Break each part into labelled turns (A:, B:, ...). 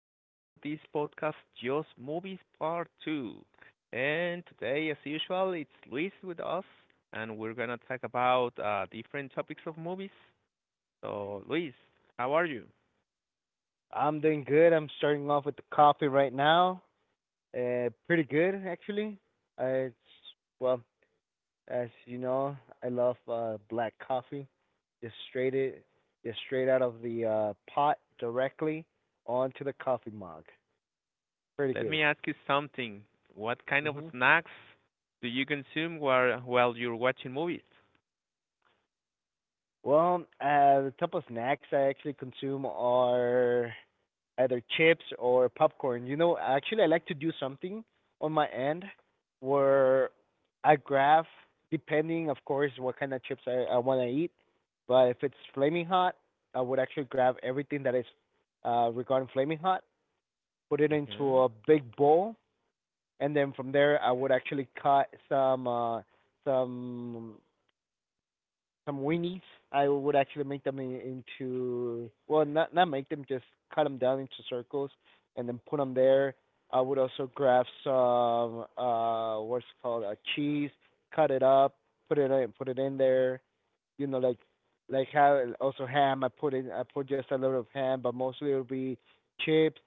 A: episode of this podcast, Just Movies Part 2. And today, as usual, it's Luis with us, and we're going to talk about different topics of movies. So, Luis, how are you?
B: I'm doing good. I'm starting off with the coffee right now. Pretty good actually. It's Well, as you know, I love black coffee, just straight it, just straight out of the pot directly onto the coffee mug. Pretty
A: Let
B: good.
A: me ask you something. What kind of
B: Mhm.
A: snacks do you consume while you're watching movies?
B: Well, the type of snacks I actually consume are either chips or popcorn. You know, actually, I like to do something on my end where I graph, depending, of course, what kind of chips I want to eat. But if it's flaming hot, I would actually grab everything that is regarding flaming hot, put it into
A: Mm-hmm.
B: a big bowl, and then from there I would actually cut some some weenies. I would actually into well, not make them, just cut them down into circles and then put them there. I would also grab some what's it called cheese, cut it up, put it in there. You know, like how also ham. I put just a little of ham, but mostly it'll be chips,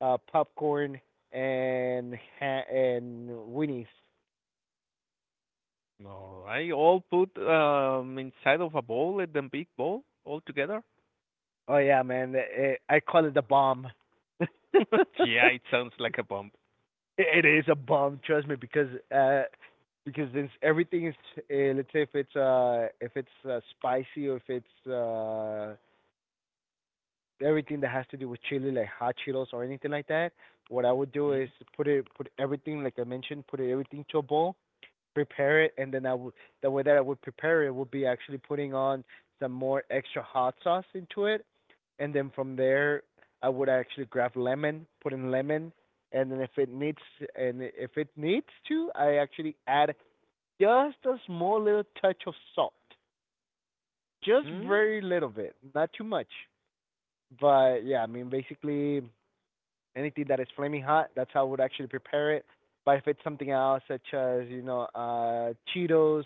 B: popcorn, and and weenies.
A: All right, all put inside of a bowl, a big bowl, all together?
B: Oh yeah, man! I call it the bomb.
A: Yeah, it sounds like a bomb.
B: It is a bomb, trust me, because uh, since everything is, let's say if it's spicy or if it's everything that has to do with chili, like hot Cheetos or anything like that, what I would do is
A: Mhm.
B: put everything like I mentioned, put it everything to a bowl, prepare it, and then I would the way that I would prepare it would be actually putting on some more extra hot sauce into it, and then from there I would actually grab lemon, put in lemon, and then if it needs to, I actually add just a small little touch of salt, just
A: Mm.
B: very little bit, not too much. But yeah, I mean basically anything that is flaming hot, that's how I would actually prepare it. But if it's something else, such as Cheetos,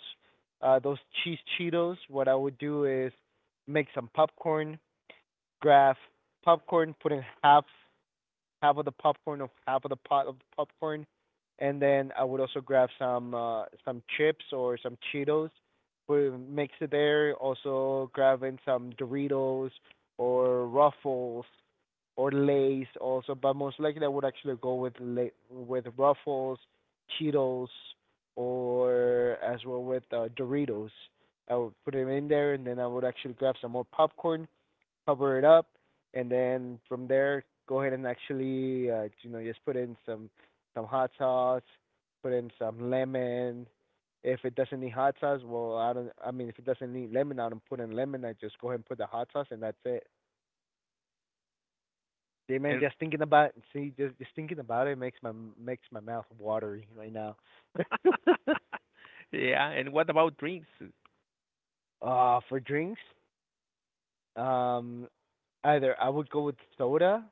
B: those cheese Cheetos, what I would do is make some popcorn, grab popcorn, put in half of the popcorn of half of the pot of the popcorn, and then I would also grab some chips or some Cheetos, put mix it there. Also grab in some Doritos or Ruffles or Lay's also, but most likely I would actually go with Lay, with Ruffles, Cheetos, or as well with Doritos. I would put them in there, and then I would actually grab some more popcorn, cover it up, and then from there go ahead and actually just put in some hot sauce, put in some lemon. If it doesn't need hot sauce, well I don't. I mean, if it doesn't need lemon, I don't put in lemon. I just go ahead and put the hot sauce, and that's it. Yeah, man,
A: And
B: just thinking about it makes my mouth watery right now.
A: yeah, and what about drinks?
B: For drinks, um, either I would go with soda,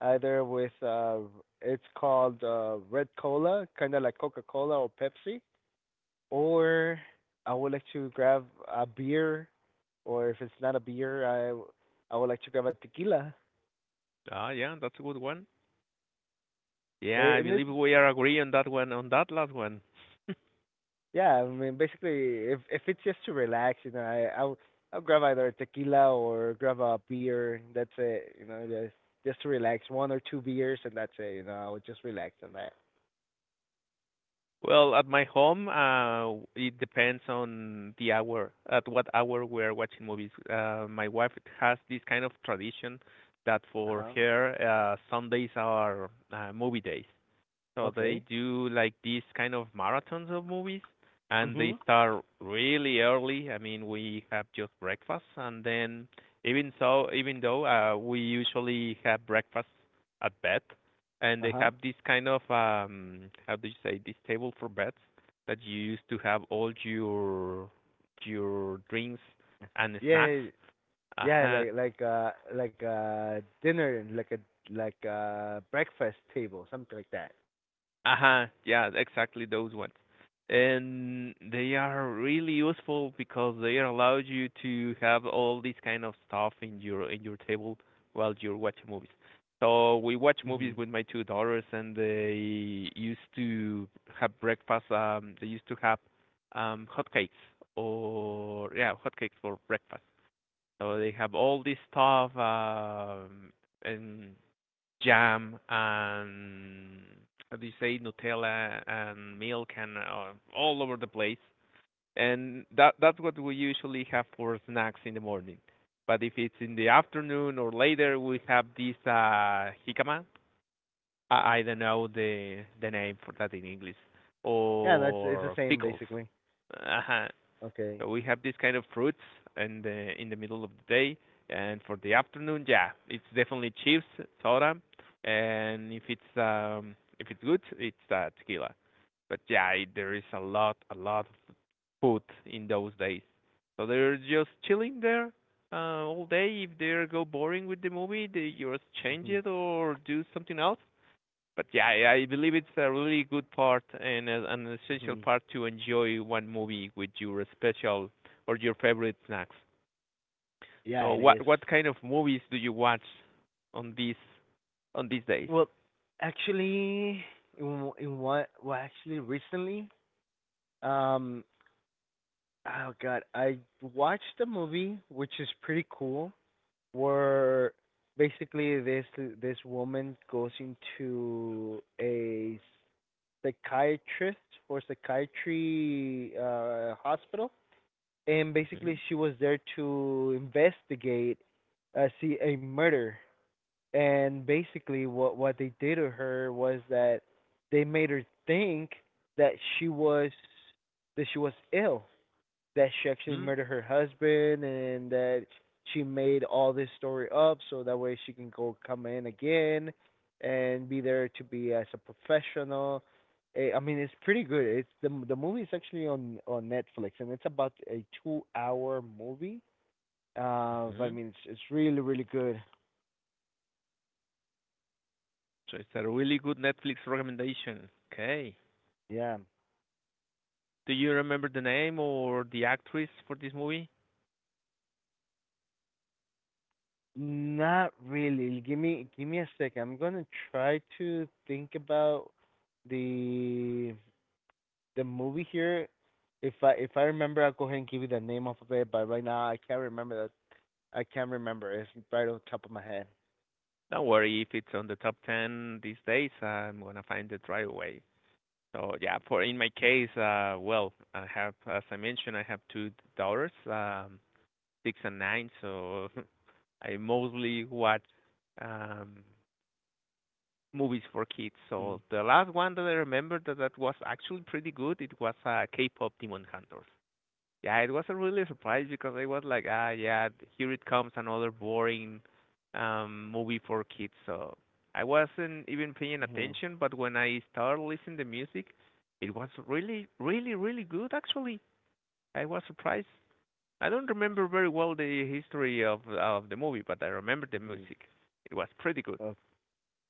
B: either with it's called Red Cola, kind of like Coca Cola or Pepsi, or I would like to grab a beer, or if it's not a beer, I would like to grab a tequila.
A: Ah, yeah, that's a good one. Yeah,
B: Eh,
A: I
B: And it's
A: believe we are agree on that one, on that last one.
B: Yeah, I mean, basically, if it's just to relax, you know, I'll grab either a tequila or grab a beer. That's it, you know, just to relax, one or two beers, and that's it. You know, I would just relax on that.
A: Well, at my home, it depends on the hour, at what hour we're watching movies. My wife has this kind of tradition that
B: Uh
A: for
B: huh.
A: her, Sundays are movie days. So they
B: Okay.
A: do like these kind of marathons of movies, and they
B: Mhm.
A: start really early. I mean, we have just breakfast, and then even so, even though we usually have breakfast at bed, and
B: Uh
A: they
B: huh.
A: have this kind of how do you say this table for beds that you used to have all your drinks and snacks.
B: Yeah, yeah,
A: Uh-huh.
B: like a dinner, like a breakfast table, something like that.
A: Uh-huh. Yeah, exactly those ones. And they are really useful because they allow you to have all this kind of stuff in your table while you're watching movies. So we watch movies
B: Mhm.
A: with my two daughters, and they used to have breakfast. They used to have hotcakes or yeah, hotcakes for breakfast. So they have all this stuff, and jam and how do you say Nutella and milk and all over the place. And that's what we usually have for snacks in the morning. But if it's in the afternoon or later, we have this jicama. I don't know the name for that in English
B: Yeah, that's it's the
A: or
B: same
A: pickles.
B: basically.
A: Uh-huh.
B: Okay.
A: So we have this kind of fruits and in the middle of the day, and for the afternoon, yeah, it's definitely chips, soda, and if it's good, it's tequila. But yeah, it, there is a lot of food in those days. So they're just chilling there all day. If they go boring with the movie, they just change
B: Mhm.
A: it or do something else, but yeah, I believe it's a really good part and a, an essential
B: Mhm.
A: part to enjoy one movie with your special or your favorite snacks.
B: Yeah,
A: So,
B: it
A: what
B: is.
A: what kind of movies do you watch on these on these days?
B: Well, actually, in, well, actually, recently, um, oh God, I watched a movie which is pretty cool, where basically this woman goes into a psychiatrist or psychiatry hospital, and
A: Mm-hmm.
B: basically she was there to investigate, see a murder, and basically what they did to her was that they made her think that she was that she was ill, that she actually murdered her husband, and that she made all this story up so that way she can go come in again and be there to be as a professional. I mean, it's pretty good. It's the the movie is actually on Netflix, and it's about a 2-hour movie, but I
A: Mm-hmm.
B: mean, it's really really good.
A: So it's a really good Netflix recommendation. Okay.
B: Yeah.
A: Do you remember the name or the actress for this movie?
B: Not really. Give me a second. I'm gonna try to think about the the movie here. If I remember, I'll go ahead and give you the name off of it. But right now, I can't remember that. I can't remember. It's right on top of my head.
A: Don't worry if it's on the top ten these days. I'm gonna find it right away. So yeah, for in my case, well, I have, as I mentioned, I have two daughters, six and nine. So I mostly watch um, movies for kids. So the last one that I remember that was actually pretty good. It was K-pop Demon Hunters. Yeah, it was a really surprise because I was like, ah, yeah, here it comes another boring movie for kids. So I wasn't even paying
B: Mm-hmm.
A: attention, but when I started listening to music, it was really, really, really good actually. I was surprised. I don't remember very well the history of the movie, but I remember the
B: Hmm.
A: music. It was pretty good.
B: O-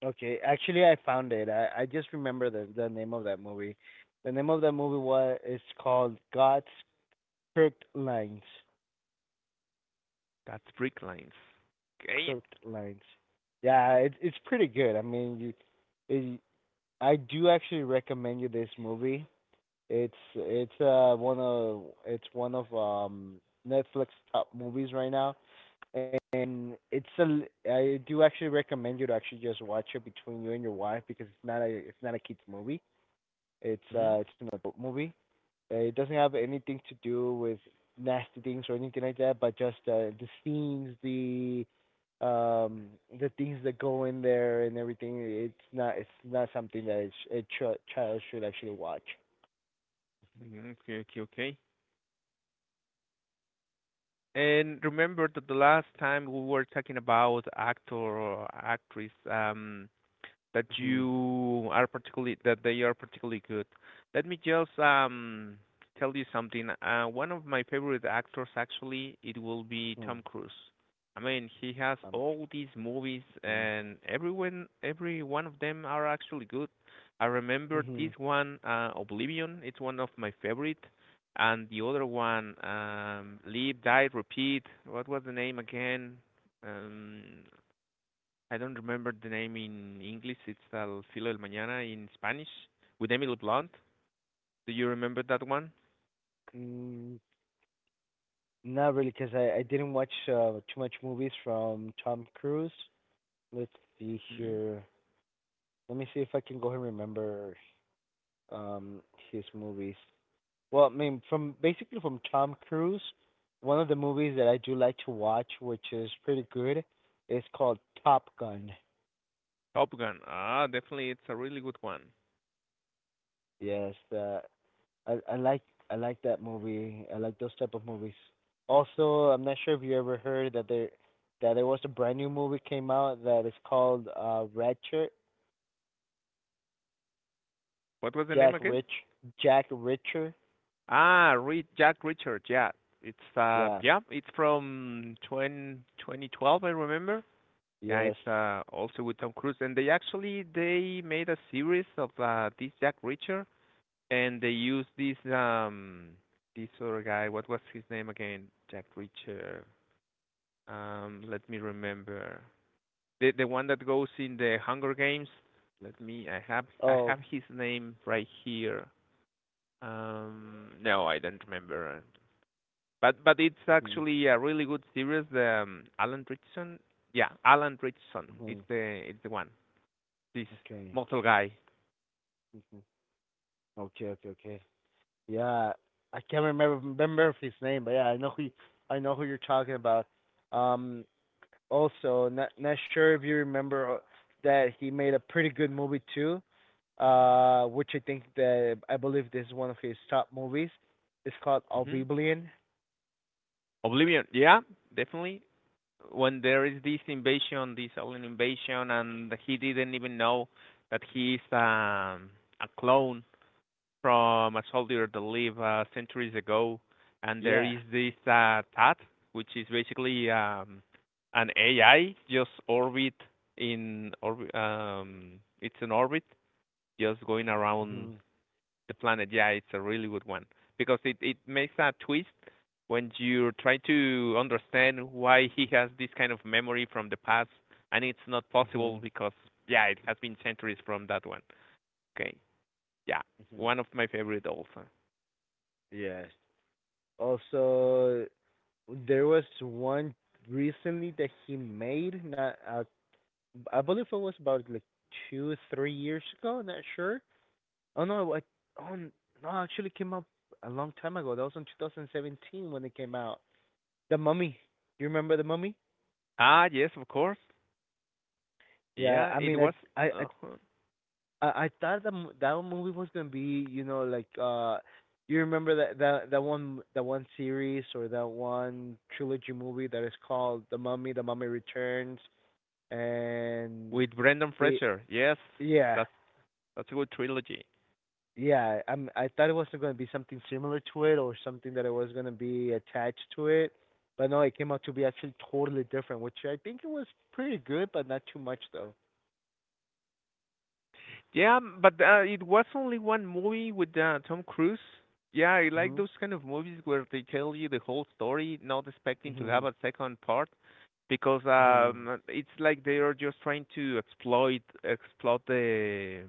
B: Okay. Actually, I found it. I just remember the name of that movie. The name of that movie was it's called God's Crooked Lines.
A: That's Brick Lines. Okay.
B: Crooked lines. Yeah, it's pretty good. I mean, it, I do actually recommend you this movie. It's one of it's one of Netflix top movies right now, and it's a I do actually recommend you to actually just watch it between you and your wife because it's not a kids movie.
A: Mhm.
B: It's an adult movie, it doesn't have anything to do with nasty things or anything like that, but just the scenes, um, the things that go in there and everything. It's not something that a child should actually watch.
A: Mhm. Okay, okay, okay. And remember that the last time we were talking about actor or actress, that
B: Hmm.
A: you are particularly that they are particularly good. Let me just tell you something. One of my favorite actors actually it will be
B: Hmm.
A: Tom Cruise. I mean, he has
B: Um,
A: all these movies,
B: mm-hmm.
A: and everyone, every one of them are actually good. I remember
B: Hmm.
A: this one, Oblivion. It's one of my favorite, and the other one, Live, Die, Repeat. What was the name again? Um, I don't remember the name in English. It's El Filo del Mañana in Spanish with Emily Blunt. Do you remember that one?
B: Mm, Not really, because I didn't watch too much movies from Tom Cruise. Let's see
A: Mm hmm.
B: here. Let me see if I can go and remember um his movies. Well, I mean, from Tom Cruise, one of the movies that I do like to watch, which is pretty good, is called Top Gun.
A: Top Gun. Ah, definitely, it's a really good one.
B: Yes, I I like I like that movie. I like those type of movies. Also, I'm not sure if you ever heard that there that there was a brand new movie came out that is called Ratchet
A: What was the
B: Jack
A: name again?
B: Rich Jack Richer.
A: Ah, Re- Jack Richard.
B: Yeah.
A: Yeah, it's from 2012, I remember. Yeah,
B: Yes.
A: it's also with Tom Cruise, and they actually they made a series of this Jack Richard, and they used this this other guy. What was his name again? Jack Richard. Let me remember the one that goes in the Hunger Games. Let me. I have I
B: Oh.
A: have his name right here. No, I don't remember. But it's
B: Mhm.
A: actually a really good series. Alan Richardson. Yeah, Alan Richardson.
B: Mhm.
A: It's the one. This
B: Okay.
A: mortal guy.
B: Okay, okay, okay. Yeah, I can't remember his name, but yeah, I know who you're talking about. Um, Also, not sure if you remember that he made a pretty good movie too, which I think that I believe this is one of his top movies. It's called
A: Hmm.
B: Oblivion.
A: Oblivion. Yeah, definitely. When there is this invasion, this alien invasion, and he didn't even know that he's a clone from a soldier that lived centuries ago, and there
B: Yeah.
A: is this TAT, which is basically an AI just orbit it's an orbit just going around
B: Mhm.
A: the planet. Yeah, it's a really good one because it makes a twist when you try to understand why he has this kind of memory from the past, and it's not possible
B: Mhm.
A: because yeah, it has been centuries from that one. Okay, yeah,
B: Mhm.
A: one of my favorite also.
B: Yes. Also, there was one recently that he made, not I believe it was about like 2, 3 years ago. Not sure. Oh no, I, oh no, it actually came out a long time ago. That was in 2017 when it came out. The Mummy. You remember the Mummy?
A: Ah, yes, of course.
B: Yeah,
A: Yeah,
B: I
A: it
B: mean,
A: was
B: I
A: uh,
B: I I thought that that movie was gonna be, you know, like you remember that that that one series or that one trilogy movie that is called The Mummy, The Mummy Returns, and
A: with Brendan
B: the
A: Fraser. Yes,
B: yeah.
A: that's that's a good trilogy.
B: Yeah, I thought it was going to be something similar to it, or something that it was going to be attached to it, but no, it came out to be actually totally different, which I think it was pretty good, but not too much though.
A: Yeah, but it was only one movie with Tom Cruise. Yeah, I like
B: Mhm.
A: those kind of movies where they tell you the whole story, not expecting to have
B: Mhm.
A: a second part, because
B: Mhm.
A: it's like they are just trying to exploit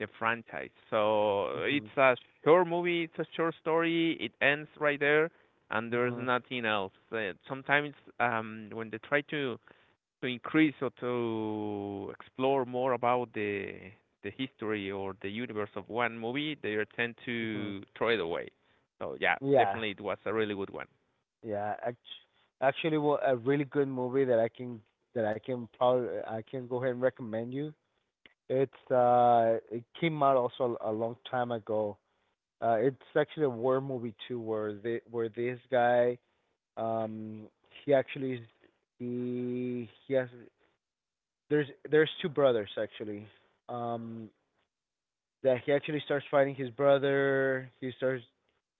A: the franchise. So it's
B: Mhm.
A: a short movie, it's a short story, it ends right there, and there's
B: Mhm.
A: nothing else. Sometimes when they try to increase or to explore more about the history or the universe of one movie, they tend
B: Mhm.
A: to throw it away. So yeah,
B: Yeah.
A: definitely it was a really good one.
B: Yeah. Actually, well, a really good movie that I can probably I can go ahead and recommend you. It's it came out also a long time ago. It's actually a war movie too, where the where this guy Um, he actually is he has there's two brothers actually. Um, that he actually starts fighting his brother. He starts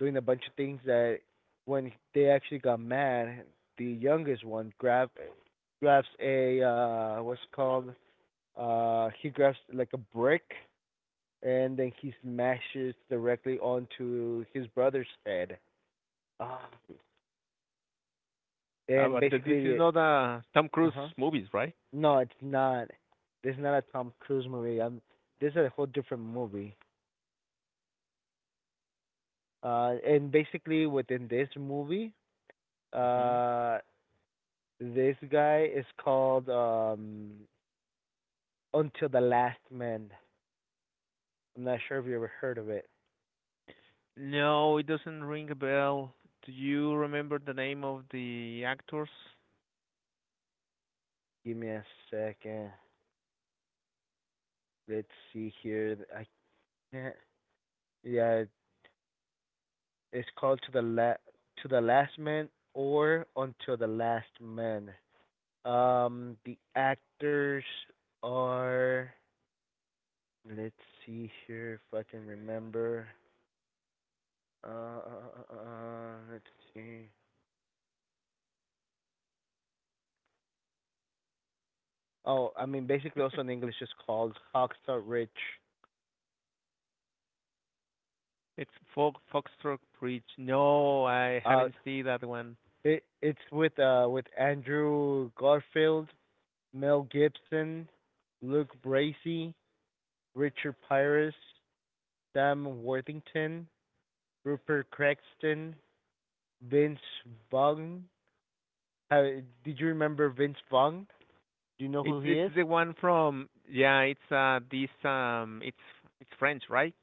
B: doing a bunch of things that when they actually got mad, the youngest one grabs a what's it called he grabs like a brick and then he smashes directly onto his brother's head. Ah, and
A: But this is
B: basically,
A: not a Tom
B: uh
A: Cruise
B: huh.
A: movies, right?
B: No, it's not. This is not a Tom Cruise movie. This is a whole different movie. And basically within this movie,
A: Hmm.
B: uh, this guy is called Until the Last Man. I'm not sure if you ever heard of it.
A: No, it doesn't ring a bell. Do you remember the name of the actors?
B: Give me a second. Let's see here. I can't. Yeah, it's called To the Last Man or Until the Last Man. The actors are, let's see here if I can remember. Let's see. Oh, I mean, basically, also in English, it's called Oxta Rich.
A: It's Fo- Foxtrot Bridge. No, I
B: Uh,
A: haven't seen that one.
B: it's with Andrew Garfield, Mel Gibson, Luke Bracey, Richard Pyrus, Sam Worthington, Rupert Cranston, Vince Vaughn. Uh, did you remember Vince Vaughn? Do you know who he
A: It's
B: is?
A: the one from yeah, it's this it's French, right?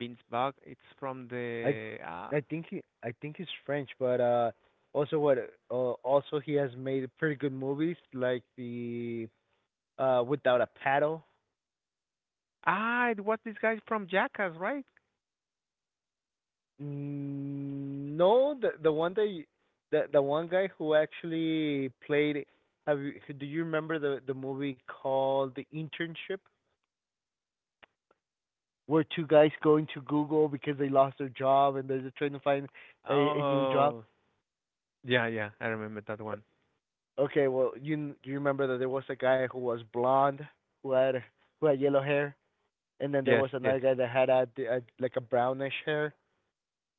A: Binsbach. It's from
B: I
A: the
B: I think he's French, but also what also he has made pretty good movies like the Without a Paddle.
A: ah, it was this guy from Jackass, right?
B: Mm, no, the one that you- the one guy who actually played have you do you remember the movie called The Internship? Where two guys going to Google because they lost their job and they're just trying to find a new job.
A: Oh, yeah, yeah, I remember that one.
B: Okay, well, you remember that there was a guy who was blonde, who had who had yellow hair, and then there
A: Yes,
B: was
A: yes.
B: another guy that had a like a brownish hair.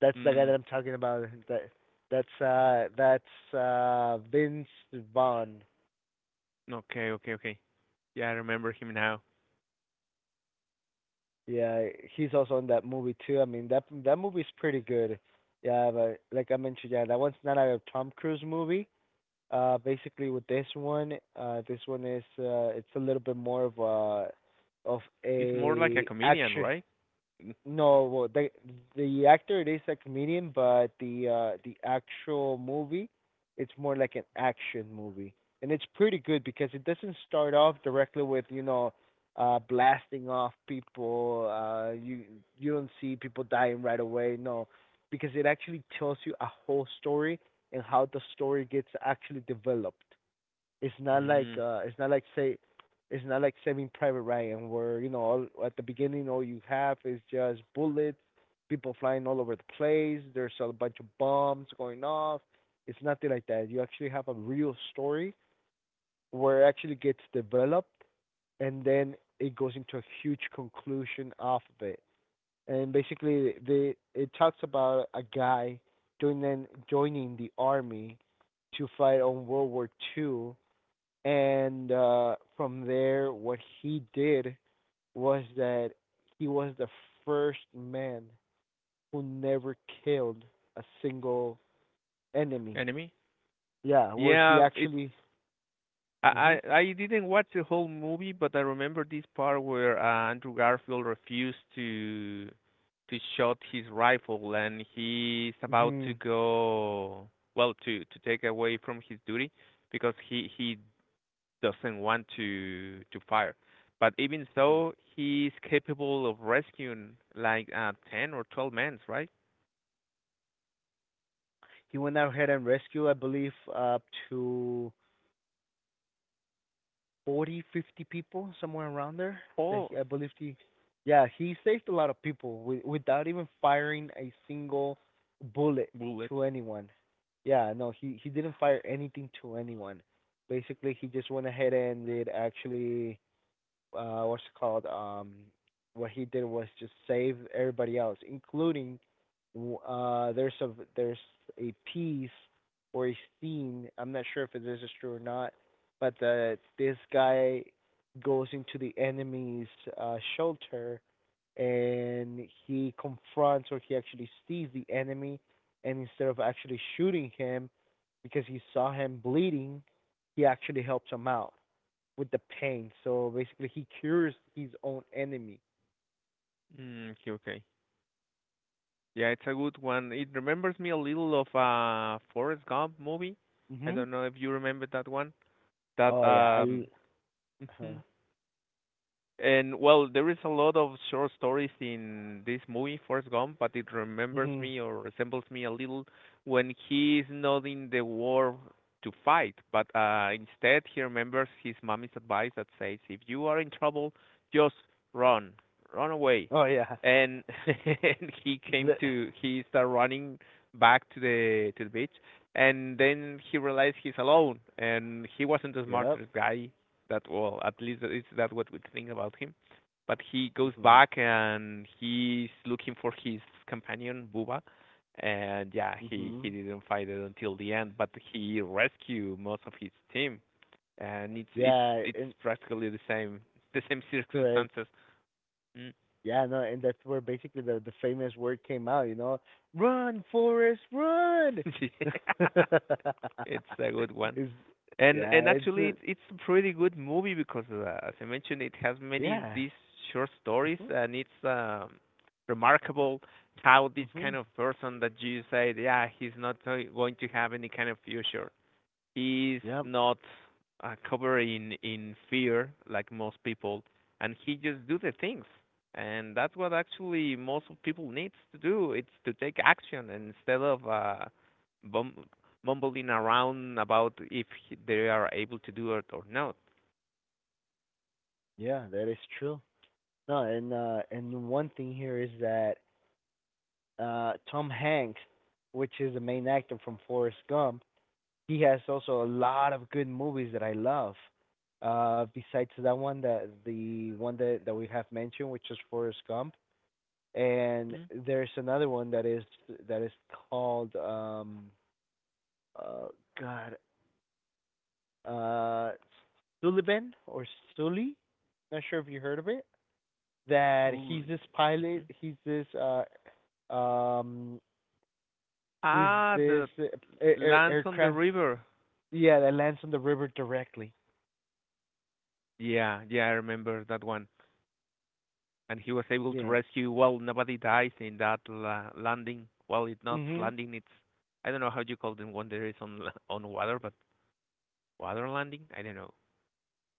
B: That's the guy
A: Mm,
B: that I'm talking about. That's Vince Vaughn.
A: okay, okay, okay. Yeah, I remember him now.
B: Yeah, he's also in that movie too. I mean, that movie's pretty good. Yeah, but like I mentioned, yeah, that one's not a Tom Cruise movie. Basically with this one is it's a little bit more of a of
A: He's more like a
B: a
A: comedian,
B: action.
A: right?
B: No, well, the actor it is a comedian, but the actual movie, it's more like an action movie, and it's pretty good because it doesn't start off directly with blasting off people. You don't see people dying right away. No, because it actually tells you a whole story and how the story gets actually developed.
A: Mm,
B: It's not like say it's not like Saving Private Ryan where you know all, at the beginning all you have is just bullets, people flying all over the place. There's a bunch of bombs going off. It's nothing like that. You actually have a real story where it actually gets developed and then it goes into a huge conclusion off of it. And basically, they it talks about a guy joining the army to fight on World War Two. And from there, what he did was that he was the first man who never killed a single enemy.
A: enemy?
B: Yeah, where he
A: Yeah, it's
B: actually. Mhm.
A: I didn't watch the whole movie, but I remember this part where Andrew Garfield refused to shoot his rifle, and he's about to
B: Mhm.
A: go well to take away from his duty because he doesn't want to fire. But even
B: Mhm.
A: so, he's capable of rescuing like 10 or 12 men, right?
B: He went out ahead and rescued, I believe, up to 40, 50 people, somewhere around there. That he,
A: Oh,
B: I believe he, yeah, he saved a lot of people with, without even firing a single bullet
A: bullet.
B: to anyone. Yeah, no, he didn't fire anything to anyone. Basically, he just went ahead and did actually what's it called what he did was just save everybody else including uh there's a there's a piece or a scene. I'm not sure if this is true or not, but the this guy goes into the enemy's shelter and he confronts or he actually sees the enemy, and instead of actually shooting him, because he saw him bleeding, he actually helps him out with the pain. So basically, he cures his own enemy.
A: Mm, okay, okay. Yeah, it's a good one. It remembers me a little of a Forrest Gump movie. I
B: Mhm.
A: don't know if you remember that one. That
B: Oh yeah, I. l- Huh.
A: and well, there is a lot of short stories in this movie, Forrest Gump, but it remembers
B: Mhm.
A: me or resembles me a little when he is not in the war to fight, but instead he remembers his mommy's advice that says, "If you are in trouble, just run, run away."
B: Oh yeah.
A: And, and he came
B: Li-
A: to he started running back to the beach, and then he realized he's alone, and he wasn't the
B: Yep.
A: smartest guy that well, at least is that what we think about him. But he goes
B: Mhm.
A: back and he's looking for his companion Buba, and yeah, he
B: Mhm.
A: didn't fight it until the end, but he rescued most of his team, and it's it's
B: Yeah,
A: it's
B: and
A: practically the same
B: correct.
A: circumstances. Mm.
B: Yeah, no, and that's where basically the famous word came out. You know, run, Forrest, run.
A: Yeah, it's a good one.
B: it's yeah,
A: And
B: it's
A: actually, it's a pretty good movie because, as I mentioned, it has many
B: yeah.
A: these short stories,
B: Mhm.
A: and it's remarkable how this kind
B: Mhm.
A: of person that you said, yeah, he's not going to have any kind of future, is
B: Yep.
A: not covered in fear like most people, and he just do the things, and that's what actually most of people needs to do. It's to take action and instead of bum- mumbling around about if they are able to do it or not.
B: Yeah, that is true. No, and one thing here is that Tom Hanks, which is the main actor from Forrest Gump, he has also a lot of good movies that I love. Besides that one, that the one that we have mentioned, which is Forrest Gump, and
A: Mm.
B: there's another one that is called uh, God, uh, Sullivan or Sully. Not sure if you heard of it. That he's
A: Absolutely.
B: this pilot.
A: Mhm.
B: Um, he's
A: Ah,
B: this
A: the lands on the
B: aircraft.
A: river.
B: Yeah, that lands on the river directly.
A: Yeah, yeah, I remember that one. And he was able to
B: Yeah.
A: rescue. Well, nobody dies in that landing. Well, it's not
B: Mhm.
A: landing. It's I don't know how you call them when there is on water, but water landing. I don't know.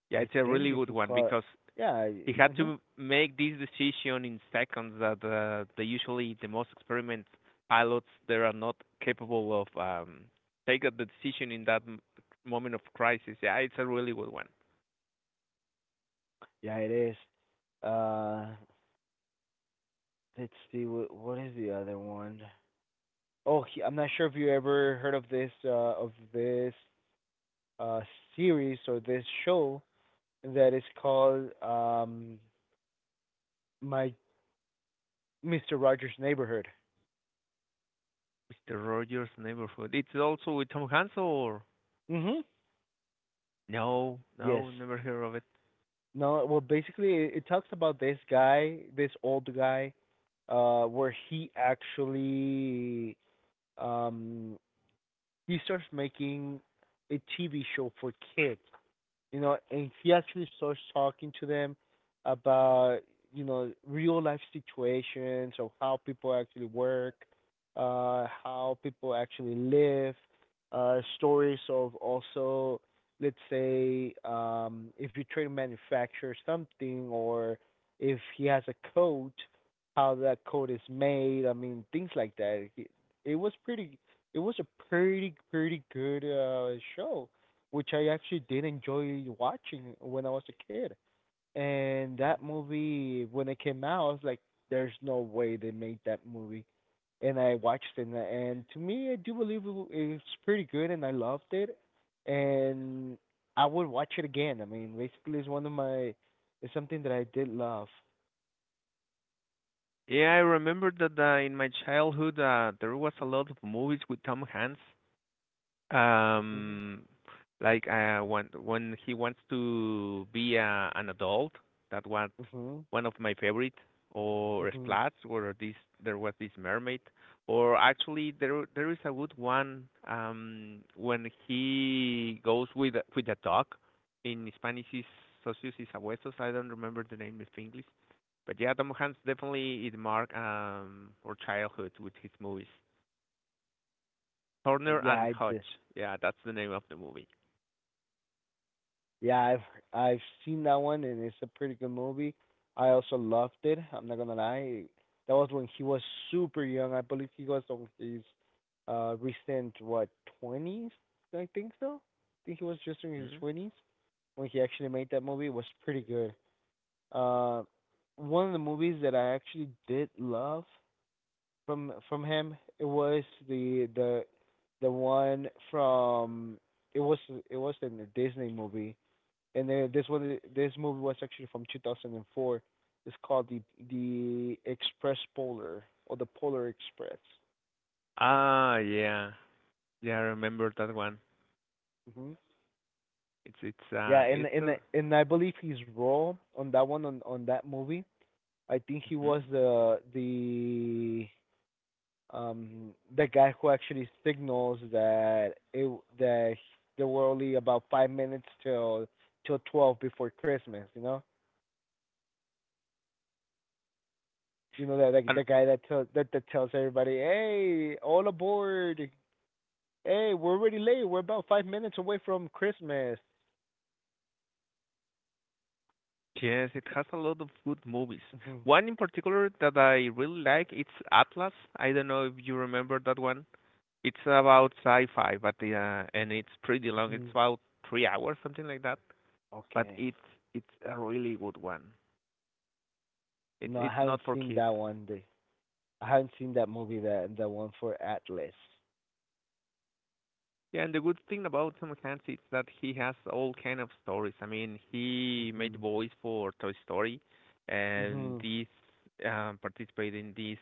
A: Yeah,
B: I
A: it's a really
B: think you
A: good
B: can
A: one
B: call it.
A: because
B: Yeah.
A: he had
B: Mhm.
A: to make this decision in seconds. That the usually the most experienced pilots they are not capable of take the decision in that moment of crisis. Yeah, it's a really good one.
B: Yeah, it is. Uh, let's see. What is the other one? Oh, he, I'm not sure if you ever heard of this uh series or this show that is called my Mr. Rogers' Neighborhood.
A: Mr. Rogers' Neighborhood. It's also with Tom Hanks or
B: Mhm.
A: no,
B: Yes.
A: no, never heard of it.
B: No, well, basically, it talks about this guy, this old guy, where he actually um he starts making a TV show for kids, you know, and he actually starts talking to them about, you know, real life situations of how people actually work, how people actually live, stories of also, let's say, if you try to manufacture something or if he has a coat, how that coat is made. I mean, things like that. It was pretty. It was a pretty good show which I actually did enjoy watching when I was a kid. And that movie, when it came out, I was like, "There's no way they made that movie." And I watched it, and to me, I do believe it's pretty good, and I loved it. And I would watch it again. I mean, basically, it's one of my, it's something that I did love.
A: Yeah, I remember that in my childhood there was a
B: Mhm,
A: lot of movies with Tom Hanks.
B: mhm,
A: Um, like when he wants to be an adult, that was
B: mhm.
A: one of my favorite. Or
B: Mhm.
A: Splats, or this there was this mermaid, or actually there is a good one when he goes with with a dog. In Spanish is socios y sabuesos. I don't remember the name in English, but yeah, Tom Hanks definitely it marked our childhood with his movies. Turner
B: Yeah,
A: and
B: I did.
A: Hutch. Yeah, that's the name of the movie.
B: Yeah, I've seen that one and it's a pretty good movie. I also loved it. I'm not gonna lie. That was when he was super young. I believe he was on his recent what twenties? I think so. I think he was just in his
A: Mhm.
B: twenties when he actually made that movie. It was pretty good. Uh, One of the movies that I actually did love from him it was the one from it was it was in the Disney movie, and then this one this movie was actually from 2004. It's called the express polar or the polar express.
A: Ah, yeah. Yeah, I remember that one.
B: Hmm.
A: It's it's
B: Yeah,
A: uh it's a
B: and I believe his role on that one on that movie, I think he
A: mhm.
B: was the the guy who actually signals that it that there were only about 5 minutes till 12 before Christmas, you know. You know that, like,
A: And
B: the guy that tells, that tells everybody, "Hey, all aboard! Hey, we're already late. We're about 5 minutes away from Christmas."
A: yes, it has a lot of good movies.
B: Hmm.
A: One in particular that I really like, it's Atlas. I don't know if you remember that one. It's about sci-fi, but and it's pretty long.
B: Hmm.
A: It's about 3 hours, something like that. But
B: Okay.
A: it's a really good one. It's
B: No, I
A: it's
B: haven't
A: not for
B: seen
A: kids.
B: that one. I haven't seen that movie. That the one for Atlas.
A: Yeah, and the good thing about Tom Clancy is that he has all kind of stories. I mean, he made
B: Hmm.
A: voice for Toy Story, and
B: Hmm.
A: these participated in these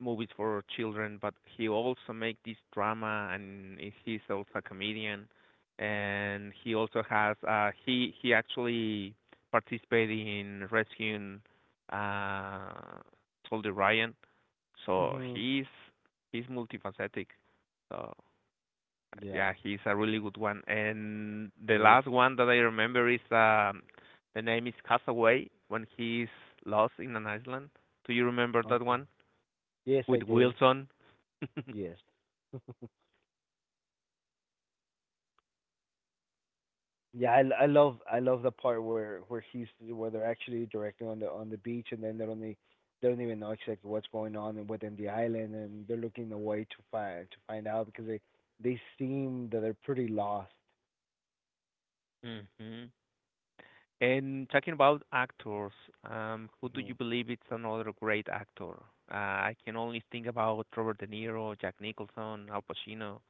A: movies for children. But he also make this drama, and he's also a comedian. And he also has he actually participated in rescuing uh, Soldier Ryan. So
B: Hmm.
A: he's multifaceted. So.
B: Yeah.
A: Yeah, he's a really good one. And the
B: This.
A: last one that I remember is the name is Castaway when he's lost in an island. Do you remember that
B: Okay.
A: one
B: Yes, I
A: with
B: did.
A: Wilson?
B: Yes. Yeah, I love the part where he's where they're actually directing on the beach and then they don't even know exactly what's going on within the island, and they're looking away to find out because they seem that they're pretty lost.
A: hmm And talking about actors, who do
B: Hmm.
A: you believe is another great actor? I can only think about Robert De Niro, Jack Nicholson, Al Pacino.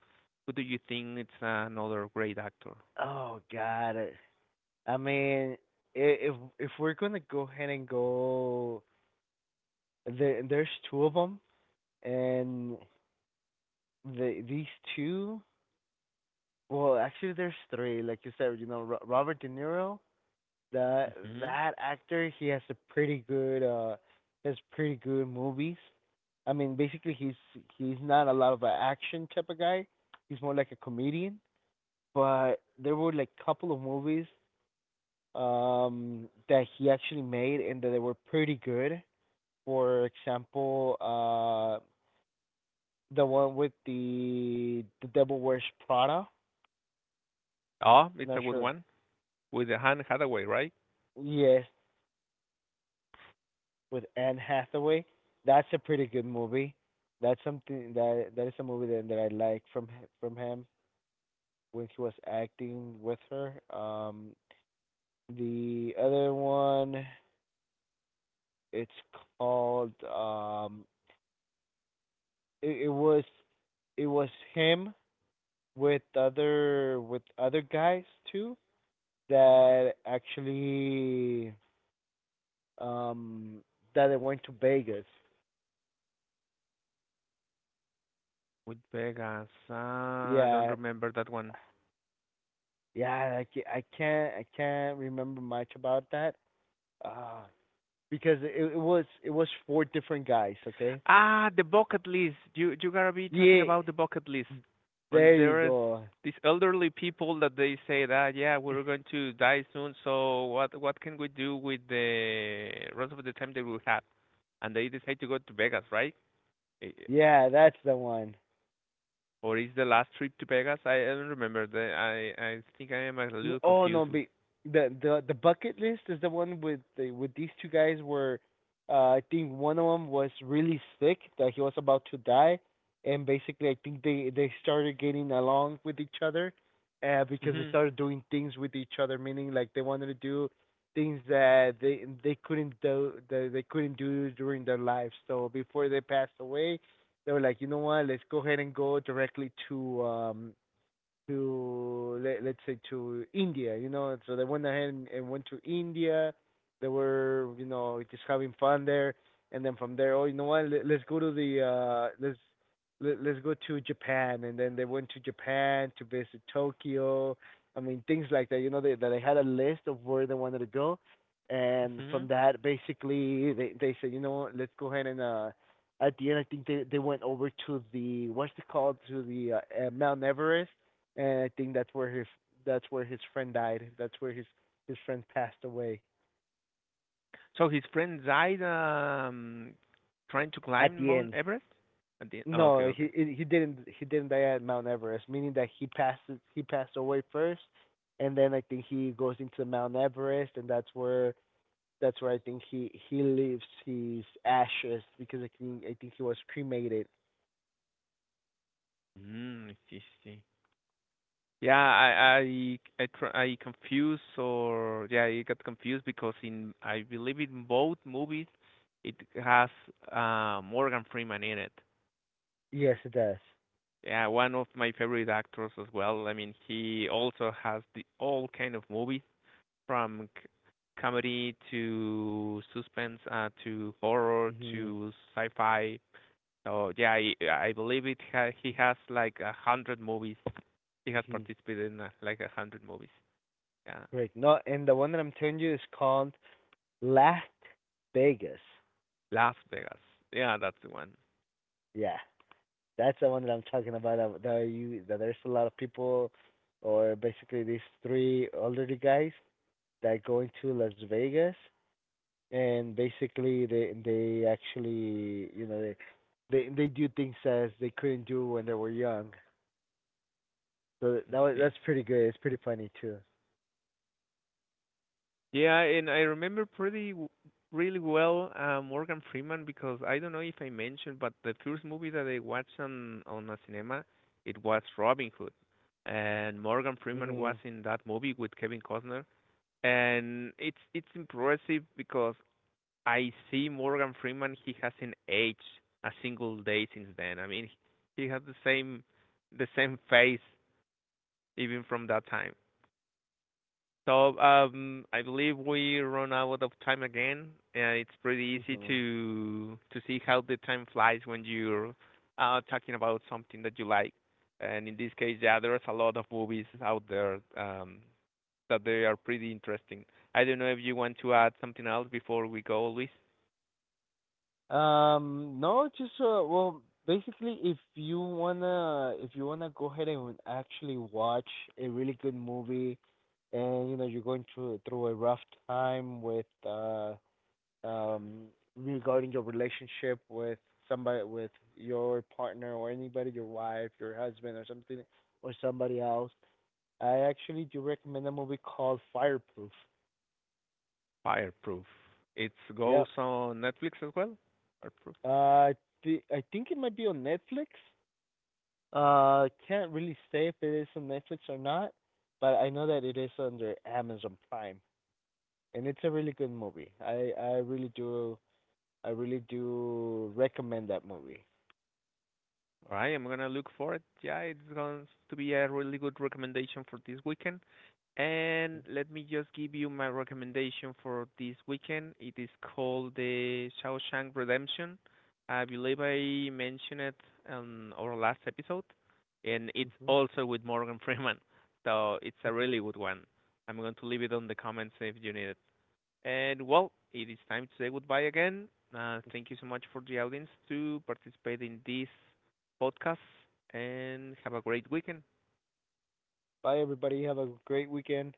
A: Who do you think is another great actor?
B: Oh God, I mean if we're gonna go ahead and go, there there's two of them, and these two, well actually there's three, like you said, you know, Robert De Niro. The
A: Hmm
B: That actor, he has a pretty good has pretty good movies. I mean, basically he's not a lot of an action type of guy. He's more like a comedian, but there were like a couple of movies that he actually made and that they were pretty good. For example, the one with the Devil Wears Prada.
A: Oh, it's a
B: Not
A: good
B: sure.
A: one with the Han Hathaway, right?
B: Yes, with Anne Hathaway. That's a pretty good movie. That's something that is a movie that I like from from him, when he was acting with her. The other one, it's called it, it was it was him with other guys too, that actually um that they went to Vegas.
A: With Vegas, I don't
B: Yeah,
A: remember that one.
B: yeah, I can't remember much about that. Uh because it was four different guys, okay?
A: Ah, the bucket list. You gotta be talking
B: Yeah.
A: about the bucket list. When
B: There you
A: there is
B: go.
A: these elderly people that they say that yeah we're going to die soon, so what can we do with the rest of the time that we have? And they decide to go to Vegas, right? Eh, eh,
B: Yeah, that's the one.
A: Or is the last trip to Vegas? I don't remember. I think I am a little
B: Oh no,
A: confused with.
B: but the bucket list is the one with the with these two guys where I think one of them was really sick that he was about to die, and basically I think they started getting along with each other, because they
A: Mhm.
B: started doing things with each other, meaning like they wanted to do things that they couldn't do during their lives. So before they passed away, they were like, you know what, let's go ahead and go directly to let, let's say to India, you know. So they went ahead and went to India. They were, you know, just having fun there, and then from there, oh, you know what? Let's go to the let's go to Japan, and then they went to Japan to visit Tokyo. I mean, things like that. You know, they that they had a list of where they wanted to go, and from
A: Mhm.
B: that, basically, they said, you know what, let's go ahead and at the end. I think they went over to the what's it called, to the Mount Everest, and I think that's where his friend died. That's where his friend passed away.
A: So his friend died trying to
B: At
A: climb
B: the
A: Mount
B: end.
A: Everest. At the oh, okay,
B: No,
A: okay.
B: he didn't he didn't die at Mount Everest, meaning that he passed, he passed away first, and then I think he goes into Mount Everest, and that's where I think he leaves his ashes because I think he was cremated.
A: Mm, I see, see. Yeah, I confused or yeah, I got confused because in I believe in both movies it has Morgan Freeman in it.
B: Yes, it does.
A: Yeah, one of my favorite actors as well. I mean, he also has the all kind of movies from comedy to suspense to horror
B: Mhm.
A: to sci-fi. Oh yeah, I believe it. He has like a 100 movies. He has
B: Mhm.
A: participated in like a 100 movies. Yeah,
B: Great. No, and the one that I'm telling you is called Las Vegas.
A: Las Vegas. Yeah, that's the one.
B: Yeah. That's the one that I'm talking about. That there's a lot of people, or basically these three elderly guys that go into Las Vegas, and basically they actually, you know, they do things as they couldn't do when they were young. So
A: Let's see.
B: that's pretty good. It's pretty funny too.
A: Yeah, and I remember really well Morgan Freeman because I don't know if I mentioned, but the first movie that I watched on a cinema it was Robin Hood, and Morgan Freeman was
B: Mhm.
A: in that movie with Kevin Costner, and it's impressive because I see Morgan Freeman. He hasn't aged a single day since then. I mean, he has the same face even from that time. So I believe we run out of time again. It's pretty easy
B: Mhm.
A: to see how the time flies when you're talking about something that you like. And in this case, yeah, there's a lot of movies out there that they are pretty interesting. I don't know if you want to add something else before we go, Luis.
B: No, just well, basically, if you wanna go ahead and actually watch a really good movie, and you know you're going through a rough time with um regarding your relationship with somebody, with your partner or anybody, your wife, your husband, or something, or somebody else, I actually do recommend a movie called Fireproof.
A: Fireproof. It goes
B: Yep.
A: on Netflix as well. Fireproof.
B: Uh, I I think it might be on Netflix. Can't really say if it is on Netflix or not, but I know that it is under Amazon Prime, and it's a really good movie. I really do recommend that movie.
A: I right, I'm gonna look for it. Yeah, it's going to be a really good recommendation for this weekend. And let me just give you my recommendation for this weekend. It is called The Shawshank Redemption. I believe I mentioned it on our last episode, and it's
B: Hmm.
A: also with Morgan Freeman. So it's a really good one. I'm going to leave it on the comments if you need it. And well, it is time to say goodbye again. Thank you so much for the audience to participate in this podcast and have a great weekend.
B: Bye, everybody. Have a great weekend.